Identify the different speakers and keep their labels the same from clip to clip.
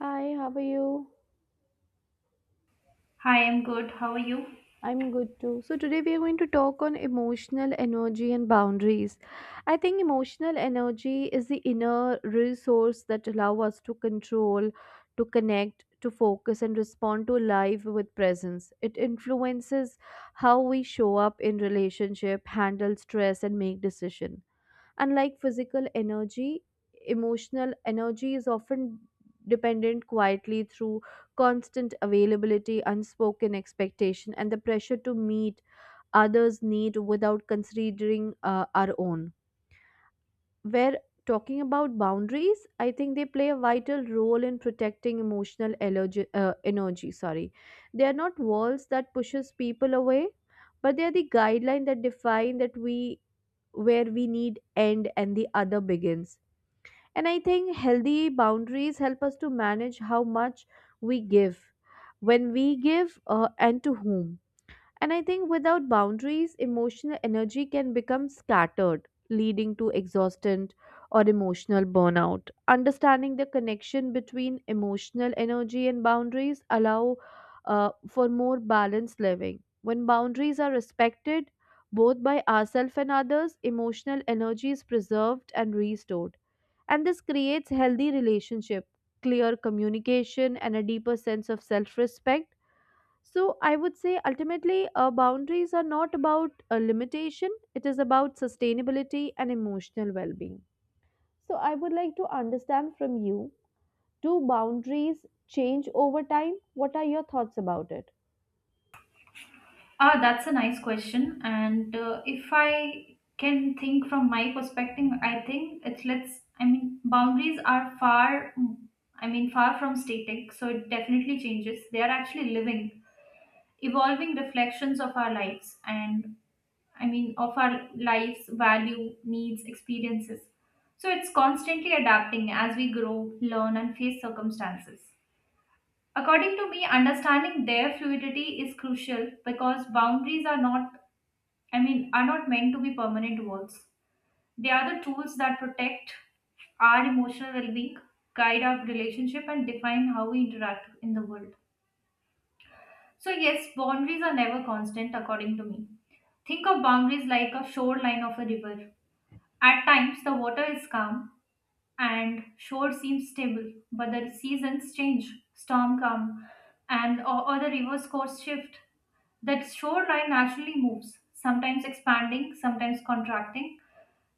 Speaker 1: Hi, how are you?
Speaker 2: Hi, I'm good. How are you?
Speaker 1: I'm good too. So, today we are going to talk on emotional energy and boundaries. I think emotional energy is the inner resource that allow us to control, to connect, to focus and respond to life with presence. It influences how we show up in relationship, handle stress and make decision. Unlike physical energy, emotional energy is often dependent quietly through constant availability, unspoken expectation, and the pressure to meet others' need without considering our own. Where talking about boundaries, I think they play a vital role in protecting emotional allergy, energy. Sorry, they are not walls that pushes people away, but they are the guideline that define that we where we need end and the other begins. And I think healthy boundaries help us to manage how much we give, when we give, and to whom. And I think without boundaries, emotional energy can become scattered, leading to exhaustion or emotional burnout. Understanding the connection between emotional energy and boundaries allow for more balanced living. When boundaries are respected, both by ourselves and others, emotional energy is preserved and restored. And this creates healthy relationship, clear communication, and a deeper sense of self-respect. So I would say ultimately, boundaries are not about a limitation, it is about sustainability and emotional well being. So I would like to understand from you, do boundaries change over time? What are your thoughts about it?
Speaker 2: Ah, that's a nice question. And if I can think from my perspective, I think it's let's. I mean, boundaries are far from static, so it definitely changes. They are actually living, evolving reflections of our lives, and of our lives, value, needs, experiences. So it's constantly adapting as we grow, learn, and face circumstances. According to me, understanding their fluidity is crucial because boundaries are not, I mean, are not meant to be permanent walls. They are the tools that protect our emotional well-being, guide our relationship, and define how we interact in the world. So yes, boundaries are never constant, according to me. Think of boundaries like a shoreline of a river. At times, the water is calm and shore seems stable, but the seasons change. Storm come, or the river's course shift. That shoreline naturally moves, sometimes expanding, sometimes contracting.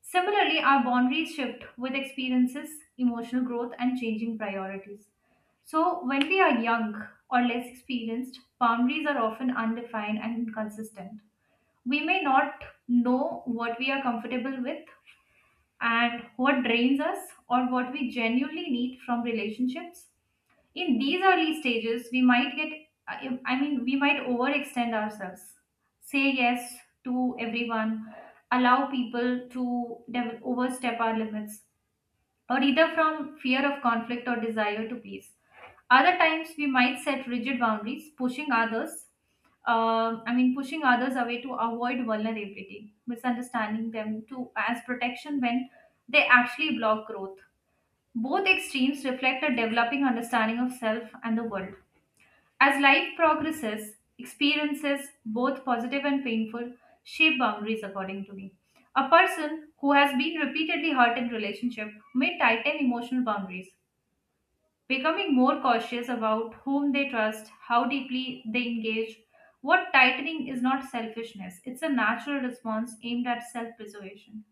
Speaker 2: Similarly, our boundaries shift with experiences, emotional growth, and changing priorities. So, when we are young or less experienced, boundaries are often undefined and inconsistent. We may not know what we are comfortable with and what drains us or what we genuinely need from relationships in these early stages we might get I mean we might overextend ourselves, say yes to everyone, allow people to overstep our limits, or either from fear of conflict or desire to please. Other times we might set rigid boundaries pushing others pushing others away to avoid vulnerability, misunderstanding them to as protection when they actually block growth. Both extremes reflect a developing understanding of self and the world. As life progresses, experiences, both positive and painful, shape boundaries according to me. A person who has been repeatedly hurt in relationship may tighten emotional boundaries, becoming more cautious about whom they trust, how deeply they engage. What tightening is not selfishness, it's a natural response aimed at self preservation.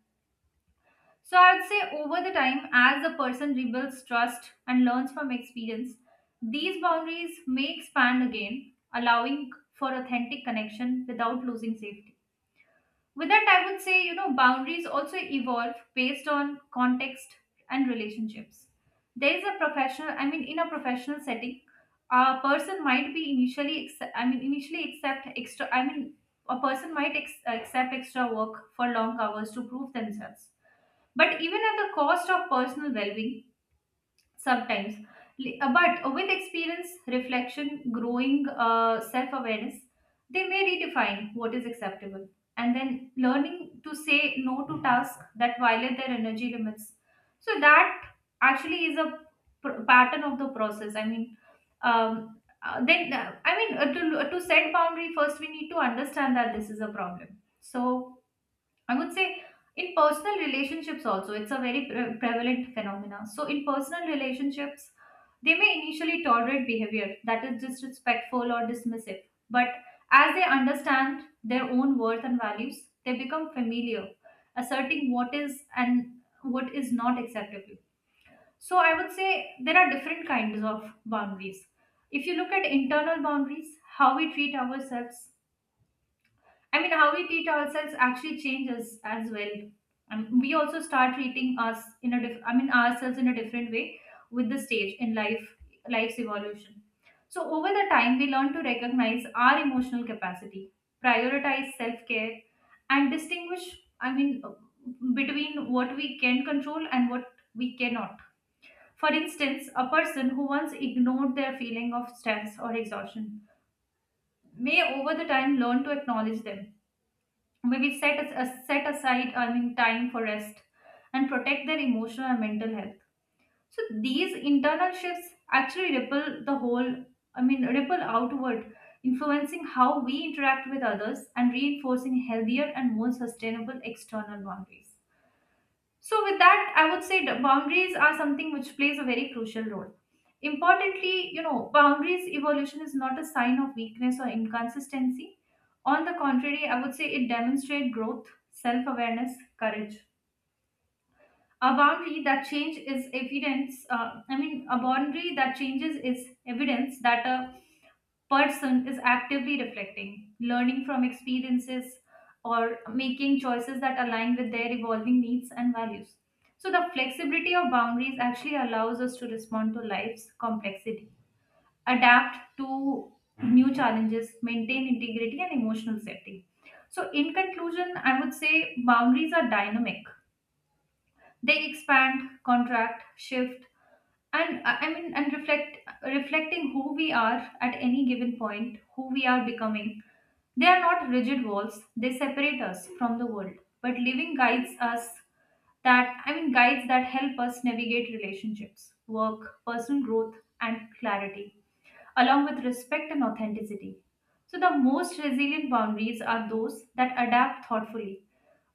Speaker 2: So I would say over the time, as a person rebuilds trust and learns from experience, these boundaries may expand again, allowing for authentic connection without losing safety. With that, I would say, you know, boundaries also evolve based on context and relationships. There is a in a professional setting, a person might be initially accept a person might accept extra work for long hours to prove themselves but even at the cost of personal well-being sometimes. But with experience reflection growing self-awareness, they may redefine what is acceptable and then learning to say no to tasks that violate their energy limits. So that actually is a pattern of the process I mean then I mean to, To set boundary first we need to understand that this is a problem. So I would say in personal relationships also, it's a very prevalent phenomena. So in personal relationships, they may initially tolerate behavior that is disrespectful or dismissive, but as they understand their own worth and values, they become familiar, asserting what is and what is not acceptable. So I would say there are different kinds of boundaries. If you look at internal boundaries, how we treat ourselves, how we treat ourselves actually changes as well. And we also start treating us in a ourselves in a different way with the stage in life, life's evolution. So over the time, we learn to recognize our emotional capacity, prioritize self-care, and distinguish. I mean, between what we can control and what we cannot. For instance, a person who once ignored their feeling of stress or exhaustion may over the time learn to acknowledge them, maybe set aside time for rest and protect their emotional and mental health. So these internal shifts actually ripple the whole I mean ripple outward, influencing how we interact with others and reinforcing healthier and more sustainable external boundaries. So, with that, I would say the boundaries are something which plays a very crucial role. Importantly, you know, boundaries evolution is not a sign of weakness or inconsistency. On the contrary, I would say it demonstrates growth, self awareness, courage. A boundary that change is evidence I mean a boundary that changes is evidence that a person is actively reflecting, learning from experiences, or making choices that align with their evolving needs and values. So the flexibility of boundaries actually allows us to respond to life's complexity, adapt to new challenges, maintain integrity and emotional safety. So in conclusion I would say boundaries are dynamic. They expand, contract, shift, and and reflecting who we are at any given point, who we are becoming. They are not rigid walls. They separate us from the world, but living guides us, that I mean guides that help us navigate relationships, work, personal growth, and clarity, along with respect and authenticity. So the most resilient boundaries are those that adapt thoughtfully,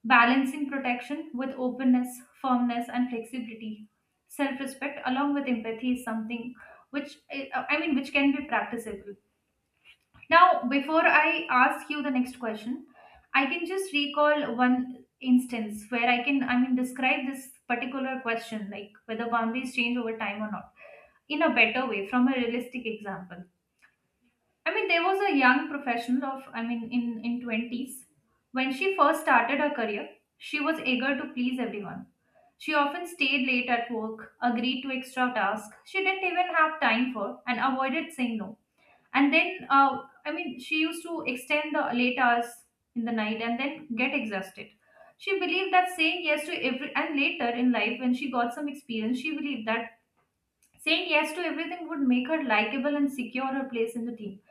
Speaker 2: balancing protection with openness, firmness, and flexibility. Self-respect along with empathy is something which which can be practicable. Now, before I ask you the next question, I can just recall one instance where I can I mean describe this particular question like whether boundaries change over time or not in a better way from a realistic example. I mean, there was a young professional in in twenties when she first started her career. She was eager to please everyone. She often stayed late at work, agreed to extra tasks she didn't even have time for, and avoided saying no. And then she used to extend the late hours in the night and then get exhausted. She believed that saying yes to every and later in life, when she got some experience, she believed that saying yes to everything would make her likable and secure her place in the team.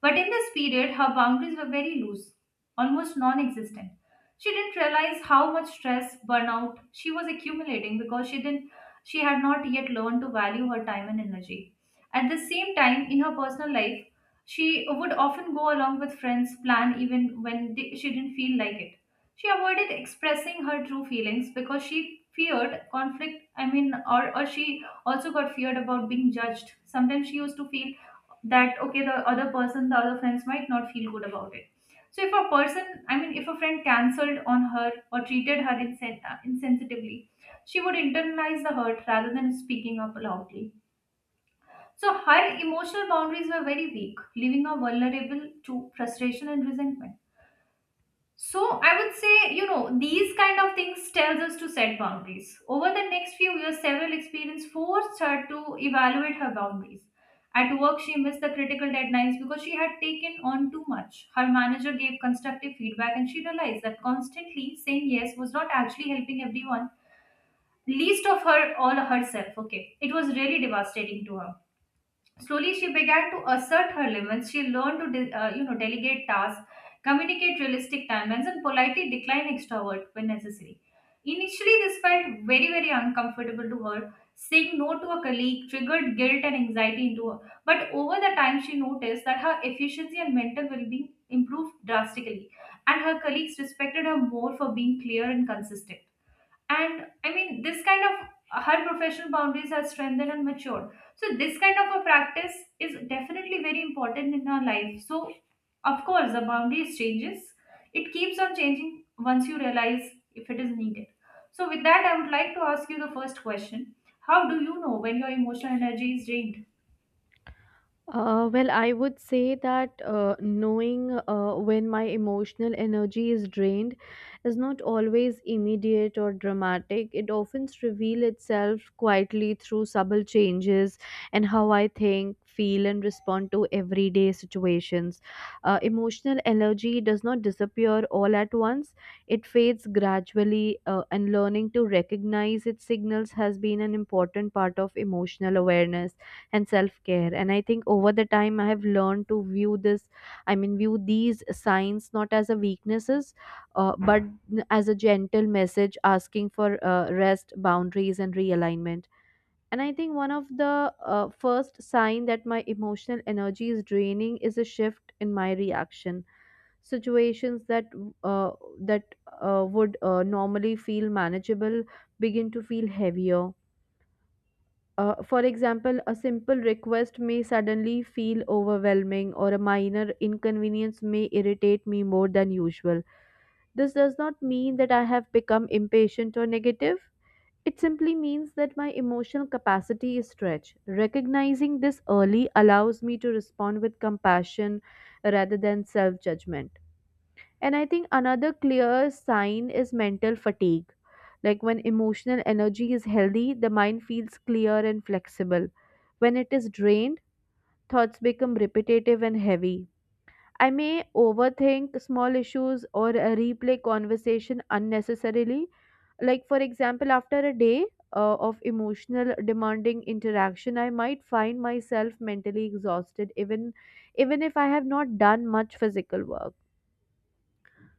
Speaker 2: But in this period, her boundaries were very loose, almost non existent. She didn't realize how much stress, burnout she was accumulating because she had not yet learned to value her time and energy. At the same time, in her personal life, she would often go along with friends' plan even when she didn't feel like it. She avoided expressing her true feelings because she feared conflict. Or she also got feared about being judged. Sometimes she used to feel that okay the other person the other friends might not feel good about it. So if a person I mean if a friend cancelled on her or treated her insensitively, she would internalize the hurt rather than speaking up loudly. So her emotional boundaries were very weak, leaving her vulnerable to frustration and resentment. So I would say, you know, these kind of things tells us to set boundaries. Over the next few years, several experience forced her to evaluate her boundaries. At work, she missed the critical deadlines because she had taken on too much. Her manager gave constructive feedback and she realized that constantly saying yes was not actually helping everyone, least of her all herself. Okay. It was really devastating to her. Slowly, she began to assert her limits. She learned to, you know, delegate tasks, communicate realistic timelines, and politely decline extrovert when necessary. Initially, this felt very, very uncomfortable to her. Saying no to a colleague triggered guilt and anxiety into her. But over the time, she noticed that her efficiency and mental well-being improved drastically, and her colleagues respected her more for being clear and consistent. This kind of her professional boundaries are strengthened and matured. So, this kind of a practice is definitely very important in our life. So, of course, the boundaries changes. It keeps on changing once you realize if it is needed. So, with that, I would like to ask you the first question. How do you know when your emotional energy is drained?
Speaker 1: Well, I would say that knowing when my emotional energy is drained is not always immediate or dramatic. It often reveals itself quietly through subtle changes in how I think, feel, and respond to everyday situations. Emotional energy does not disappear all at once, it fades gradually, and learning to recognize its signals has been an important part of emotional awareness and self-care. And I think over the time I have learned to view this I mean view these signs not as a weaknesses, but as a gentle message asking for rest, boundaries and realignment. And I think one of the first sign that my emotional energy is draining is a shift in my reaction. Situations that uh, that would normally feel manageable begin to feel heavier. For example, a simple request may suddenly feel overwhelming, or a minor inconvenience may irritate me more than usual. This does not mean that I have become impatient or negative. It simply means that my emotional capacity is stretched. Recognizing this early allows me to respond with compassion rather than self judgment. And I think another clear sign is mental fatigue. Like, when emotional energy is healthy, the mind feels clear and flexible. When it is drained, thoughts become repetitive and heavy. I may overthink small issues or replay conversation unnecessarily. Like, for example, after a day of emotional demanding interaction, I might find myself mentally exhausted even if I have not done much physical work.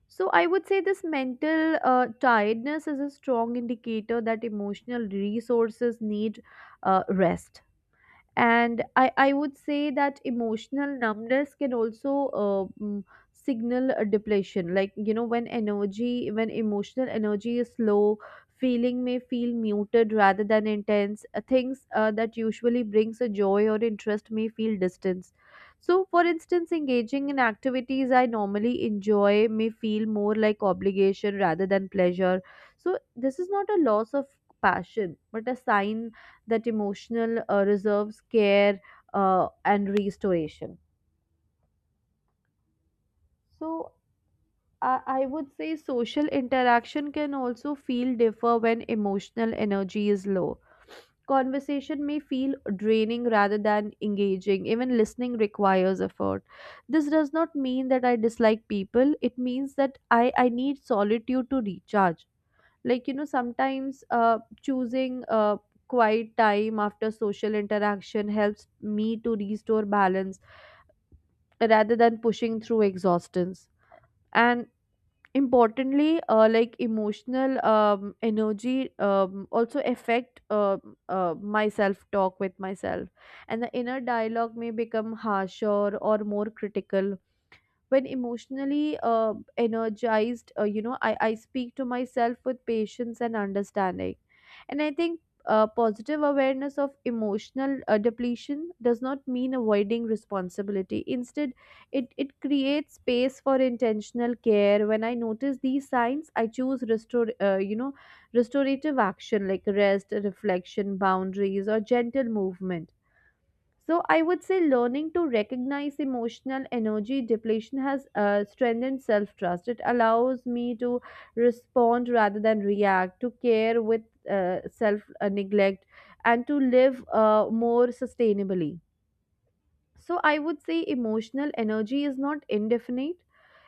Speaker 1: So I would say this mental tiredness is a strong indicator that emotional resources need rest. And I would say that emotional numbness can also uh, mm, signal a depletion. Like, you know, when energy when emotional energy is low, feeling may feel muted rather than intense. Things that usually brings a joy or interest may feel distance. So for instance, engaging in activities I normally enjoy may feel more like obligation rather than pleasure. So this is not a loss of passion but a sign that emotional reserves care and restoration. So I would say social interaction can also feel differ when emotional energy is low. Conversation may feel draining rather than engaging, even listening requires effort. This does not mean that I dislike people, it means that I need solitude to recharge. Like, you know, sometimes choosing quiet time after social interaction helps me to restore balance rather than pushing through exhaustion. And importantly, like, emotional energy also affect my self talk with myself, and the inner dialogue may become harsher or more critical. When emotionally energized, you know, I speak to myself with patience and understanding. And I think positive awareness of emotional depletion does not mean avoiding responsibility. Instead, it creates space for intentional care. When I notice these signs, I choose restore, you know, restorative action like rest, reflection, boundaries or gentle movement. So I would say learning to recognize emotional energy depletion has strengthened self trust. It allows me to respond rather than react, to care with self neglect, and to live more sustainably. So I would say emotional energy is not indefinite.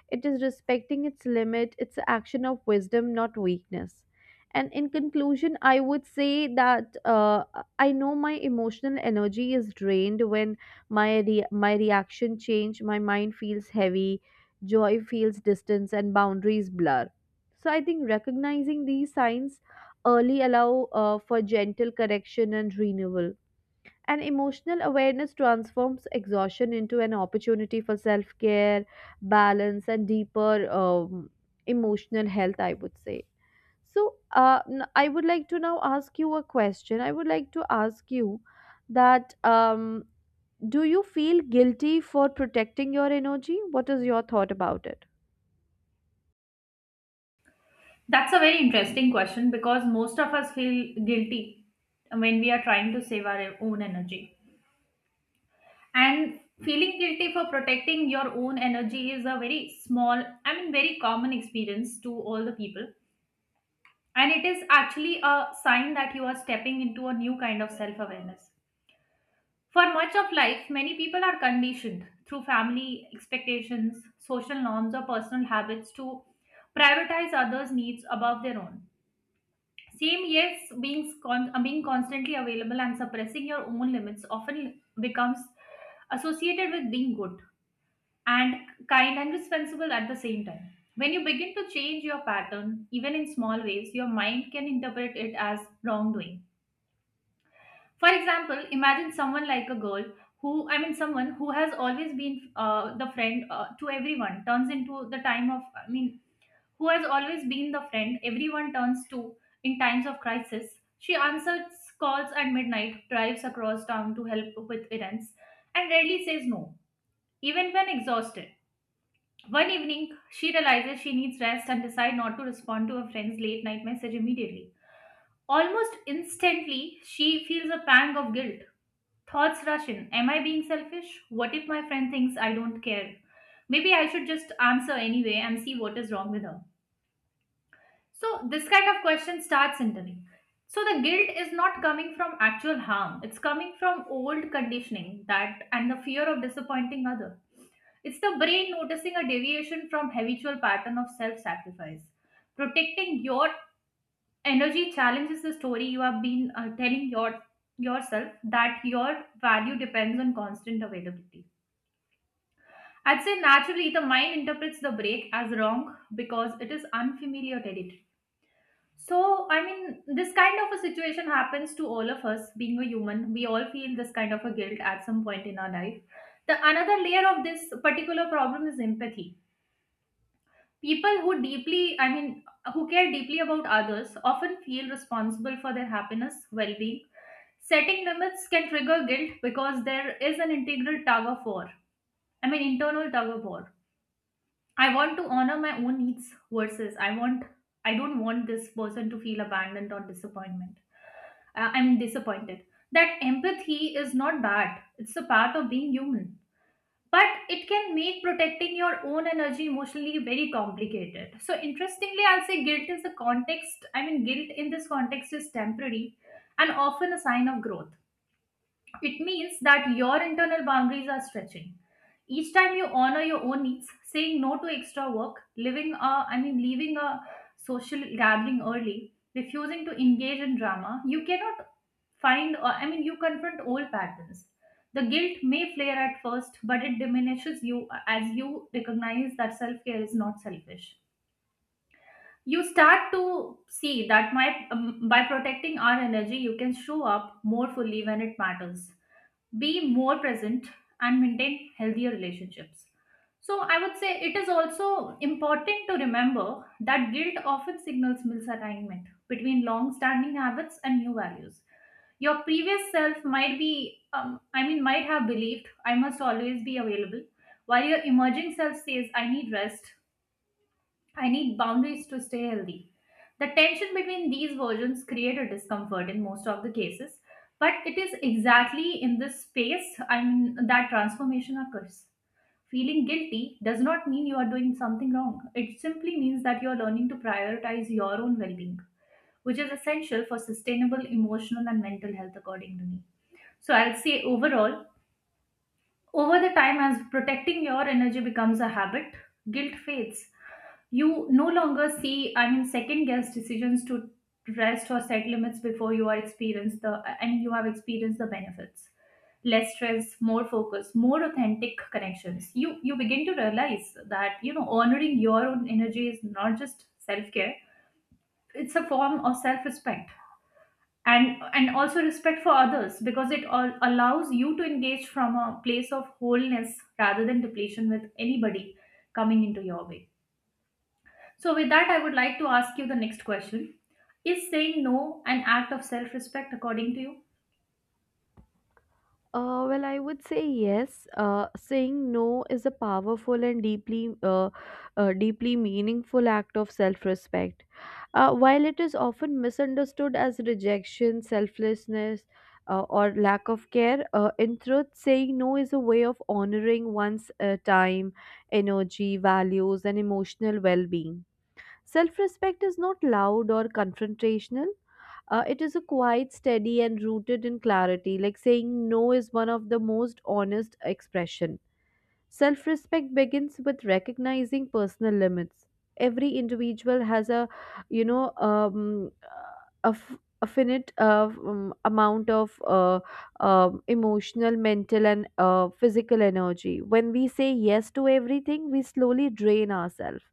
Speaker 1: It is respecting its limit, it's an action of wisdom, not weakness. And in conclusion, I would say that I know my emotional energy is drained when my reaction change, my mind feels heavy, joy feels distance, and boundaries blur. So I think recognizing these signs early allow for gentle correction and renewal. And emotional awareness transforms exhaustion into an opportunity for self care, balance, and deeper emotional health, I would say. So, I would like to now ask you a question. I would like to ask you that do you feel guilty for protecting your energy? What is your thought about it?
Speaker 2: That's a very interesting question because most of us feel guilty when we are trying to save our own energy. And feeling guilty for protecting your own energy is a very small I mean very common experience to all the people, and it is actually a sign that you are stepping into a new kind of self awareness. For much of life many people are conditioned through family expectations, social norms, or personal habits to prioritize others needs above their own. Same yes being being constantly available and suppressing your own limits often becomes associated with being good and kind and responsible at the same time. When you begin to change your pattern, even in small ways, your mind can interpret it as wrongdoing. For example, imagine someone like a girl who, I mean, someone who has always been the friend to everyone turns into the time of, I mean, who has always been the friend everyone turns to in times of crisis. She answers calls at midnight, drives across town to help with errands, and rarely says no, even when exhausted. One evening, she realizes she needs rest and decides not to respond to her friend's late night message immediately. Almost instantly, she feels a pang of guilt. Thoughts rush in. Am I being selfish? What if my friend thinks I don't care? Maybe I should just answer anyway and see what is wrong with her. So, this kind of question starts internally. So, the guilt is not coming from actual harm, it's coming from old conditioning that and the fear of disappointing others. It's the brain noticing a deviation from habitual pattern of self-sacrifice. Protecting your energy challenges the story you have been telling yourself that your value depends on constant availability. I'd say naturally the mind interprets the break as wrong because it is unfamiliar territory. So, this kind of a situation happens to all of us being a human. We all feel this kind of a guilt at some point in our life. The another layer of this particular problem is empathy. People who deeply, I mean, who care deeply about others often feel responsible for their happiness, well being. Setting limits can trigger guilt because there is an integral tug of war. I mean, internal tug of war. I want to honor my own needs versus I want, I don't want this person to feel abandoned or disappointment. I'm disappointed. That empathy is not bad, it's a part of being human but it can make protecting your own energy emotionally very complicated. So interestingly, I'll say guilt is a context I mean guilt in this context is temporary and often a sign of growth. It means that your internal boundaries are stretching. Each time you honor your own needs, saying no to extra work, living a, I mean, leaving a social gathering early, refusing to engage in drama, you cannot find, or I mean, you confront old patterns. The guilt may flare at first, but it diminishes you as you recognize that self care is not selfish. You start to see that by protecting our energy, you can show up more fully when it matters, be more present, and maintain healthier relationships. So, I would say it is also important to remember that guilt often signals misalignment between long standing habits and new values. Your previous self might might have believed I must always be available, while your emerging self says I need rest, I need boundaries to stay healthy. The tension between these versions create a discomfort in most of the cases, but it is exactly in this space, that transformation occurs. Feeling guilty does not mean you are doing something wrong. It simply means that you are learning to prioritize your own well-being, which is essential for sustainable emotional and mental health according to me. So I'll say overall, over the time as protecting your energy becomes a habit, guilt fades. You no longer second guess decisions to rest or set limits before you have experienced the benefits. Less stress, more focus, more authentic connections. You begin to realize that you know honoring your own energy is not just self care; it's a form of self respect, and also respect for others because it all allows you to engage from a place of wholeness rather than depletion with anybody coming into your way. So, with that, I would like to ask you the next question. Is saying no an act of self respect according to you?
Speaker 1: Well, I would say yes. Saying no is a powerful and deeply meaningful act of self-respect. While it is often misunderstood as rejection, selflessness, or lack of care, in truth, saying no is a way of honoring one's time, energy, values, and emotional well-being. Self respect is not loud or confrontational. It is a quiet, steady, and rooted in clarity. Like, saying no is one of the most honest expression. Self respect begins with recognizing personal limits. Every individual has a, you know, a finite amount of emotional, mental, and physical energy. When we say yes to everything, we slowly drain ourselves,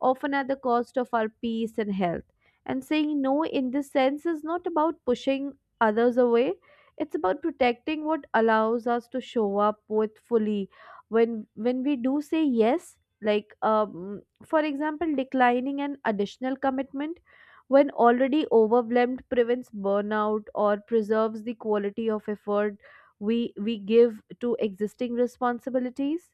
Speaker 1: often at the cost of our peace and health. And saying no in this sense is not about pushing others away, it's about protecting what allows us to show up with fully when we do say yes. Like, for example, declining an additional commitment when already overwhelmed prevents burnout or preserves the quality of effort we give to existing responsibilities.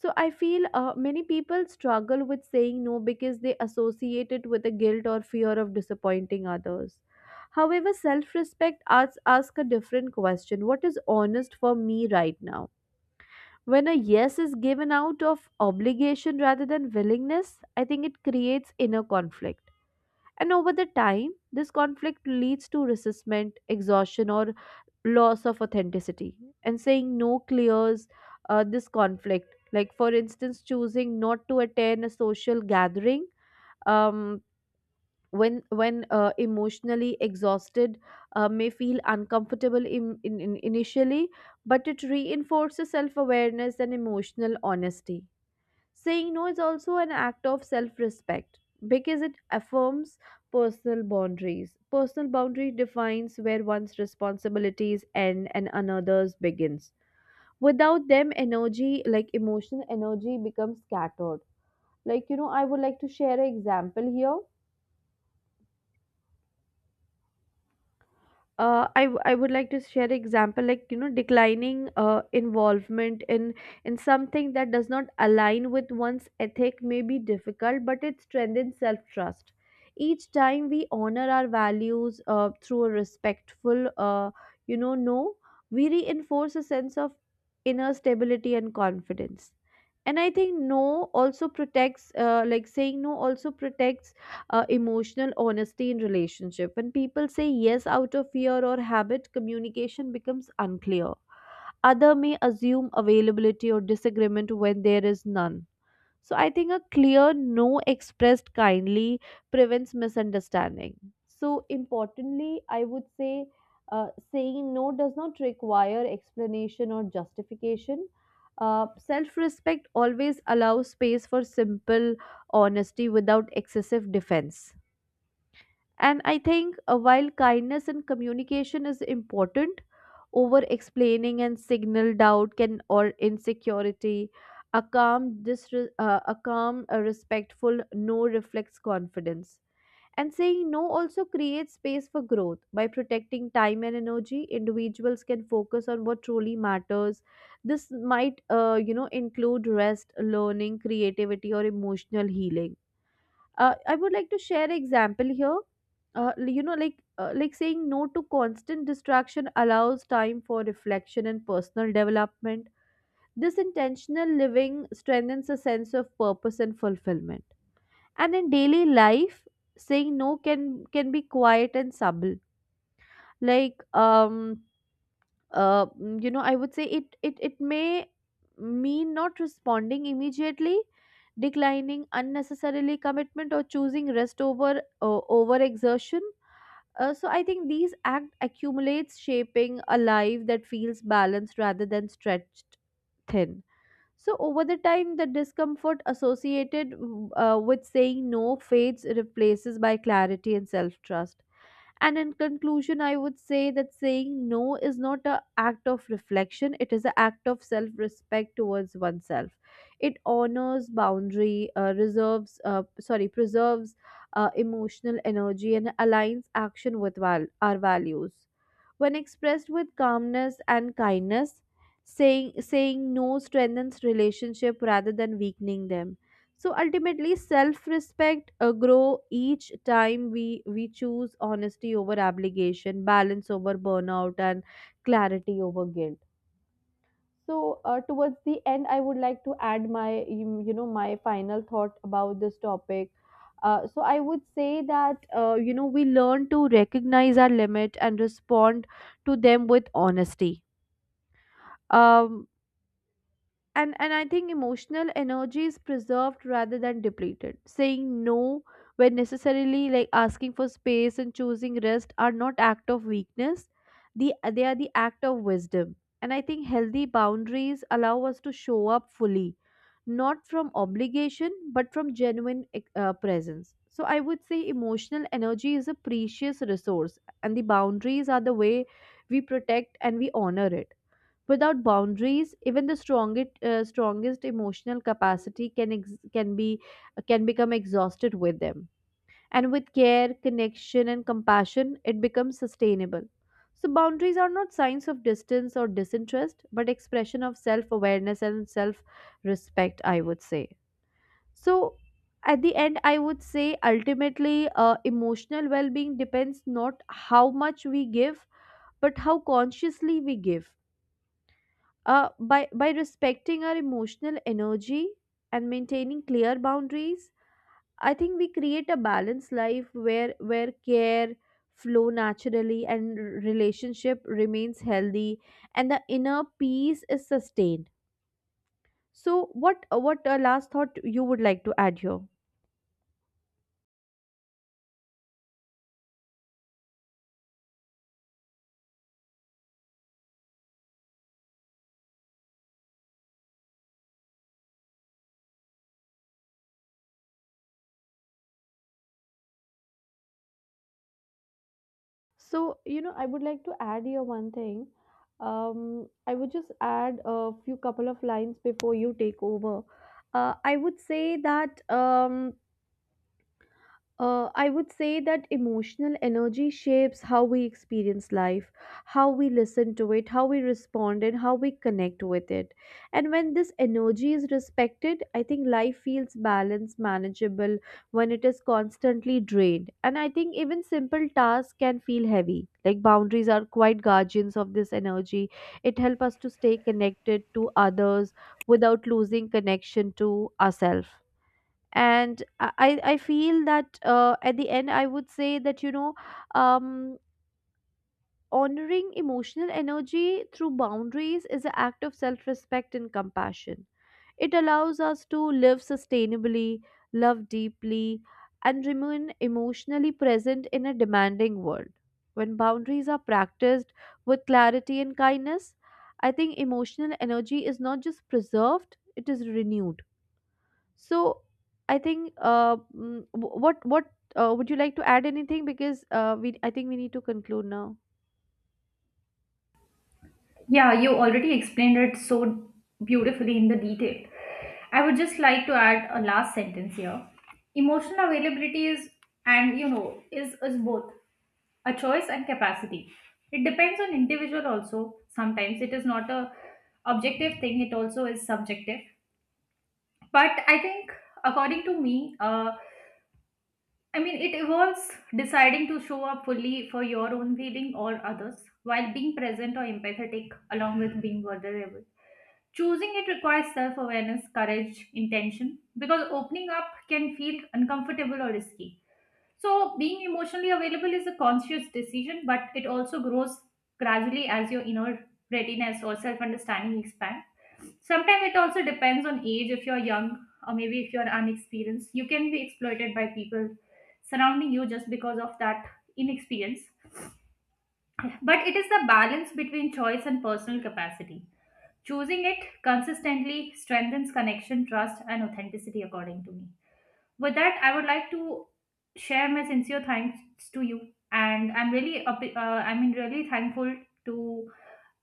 Speaker 1: So I feel many people struggle with saying no because they associate it with a guilt or fear of disappointing others. However, self respect ask a different question: what is honest for me right now? When a yes is given out of obligation rather than willingness, I think it creates inner conflict. And over the time, this conflict leads to resentment, exhaustion, or loss of authenticity. And saying no clears this conflict. Like, for instance, choosing not to attend a social gathering um, when emotionally exhausted may feel uncomfortable in initially, but it reinforces self-awareness and emotional honesty. Saying no is also an act of self-respect because it affirms personal boundaries. Personal boundary defines where one's responsibilities end and another's begins. Without them, energy like emotional energy becomes scattered. Like, you know, I would like to share an example here. I would like to share an example. Like, you know, declining involvement in something that does not align with one's ethic may be difficult, but it strengthens self-trust. Each time we honor our values through a respectful, you know, no, we reinforce a sense of inner stability and confidence. And I think no also protects, like, saying no also protects emotional honesty in relationship. When people say yes out of fear or habit, communication becomes unclear. Other may assume availability or disagreement when there is none. So I think a clear no, expressed kindly, prevents misunderstanding. So importantly, I would say, uh, saying no does not require explanation or justification. Self-respect always allows space for simple honesty without excessive defense. And I think, while kindness and communication is important, over explaining and signal doubt can or insecurity, a calm, a calm, a respectful no reflects confidence. And saying no also creates space for growth. By protecting time and energy, individuals can focus on what truly matters. This might, include rest, learning, creativity, or emotional healing. I would like to share example here. Like saying no to constant distraction allows time for reflection and personal development. This intentional living strengthens a sense of purpose and fulfillment. And in daily life, saying no can can be quiet and subtle. Like, I would say it may mean not responding immediately, declining unnecessarily commitment, or choosing rest over over exertion. So I think these act accumulates, shaping a life that feels balanced rather than stretched thin. So over the time, the discomfort associated with saying no fades, replaces by clarity and self trust. And in conclusion, I would say that saying no is not an act of reflection, it is an act of self respect towards oneself. It honors boundary, reserves, sorry, preserves emotional energy, and aligns action with our values. When expressed with calmness and kindness, saying no strengthens relationship rather than weakening them. So ultimately, self-respect grow each time we choose honesty over obligation, balance over burnout, and clarity over guilt. So, towards the end, I would like to add my, you know, my final thought about this topic. So, I would say that, we learn to recognize our limit and respond to them with honesty. Um, and I think emotional energy is preserved rather than depleted, saying no when necessarily, like asking for space and choosing rest, are not act of weakness. the they are the act of wisdom. And I think healthy boundaries allow us to show up fully, not from obligation but from genuine presence. So I would say emotional energy is a precious resource and the boundaries are the way we protect and we honor it. Without boundaries, even the strongest, strongest emotional capacity can ex- can be can become exhausted with them. And with care, connection, and compassion, it becomes sustainable. So boundaries are not signs of distance or disinterest, but expression of self-awareness and self-respect, I would say. So at the end, I would say ultimately, emotional well-being depends not how much we give, but how consciously we give. By respecting our emotional energy and maintaining clear boundaries, I think we create a balanced life where care flow naturally, and relationship remains healthy, and the inner peace is sustained. So what last thought you would like to add here? So you know, I would like to add here one thing. I would just add a few couple of lines before you take over. I would say that I would say that emotional energy shapes how we experience life, how we listen to it, how we respond, and how we connect with it. And when this energy is respected, I think life feels balanced, manageable, when it is constantly drained. And I think even simple tasks can feel heavy. Like boundaries are quite guardians of this energy. It helps us to stay connected to others without losing connection to ourselves. And I feel that, at the end, I would say that, um honoring emotional energy through boundaries is an act of self-respect and compassion. It allows us to live sustainably, love deeply, and remain emotionally present in a demanding world. When boundaries are practiced with clarity and kindness, I think emotional energy is not just preserved, it is renewed. So I think mm, wh- what would you like to add anything, because we, I think we need to conclude now.
Speaker 2: Yeah, you already explained it so beautifully in the detail. I would just like to add a last sentence here. Emotional availability is, and you know, is both a choice and capacity. It depends on individual also. Sometimes it is not a objective thing. It also is subjective. But I think, according to me, it involves deciding to show up fully for your own feeling or others while being present or empathetic, along with being vulnerable. Choosing it requires self awareness, courage, intention, because opening up can feel uncomfortable or risky. So, being emotionally available is a conscious decision, but it also grows gradually as your inner readiness or self understanding expands. Sometimes it also depends on age. If you're young or maybe if you're unexperienced, you can be exploited by people surrounding you just because of that inexperience. But it is the balance between choice and personal capacity. Choosing it consistently strengthens connection, trust and authenticity according to me. With that, I would like to share my sincere thanks to you, and I'm really thankful to,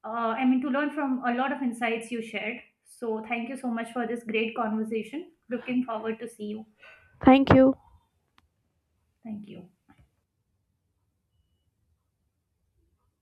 Speaker 2: to learn from a lot of insights you shared. So, thank you so much for this great conversation. Looking forward to see you.
Speaker 1: Thank you.
Speaker 2: Thank you.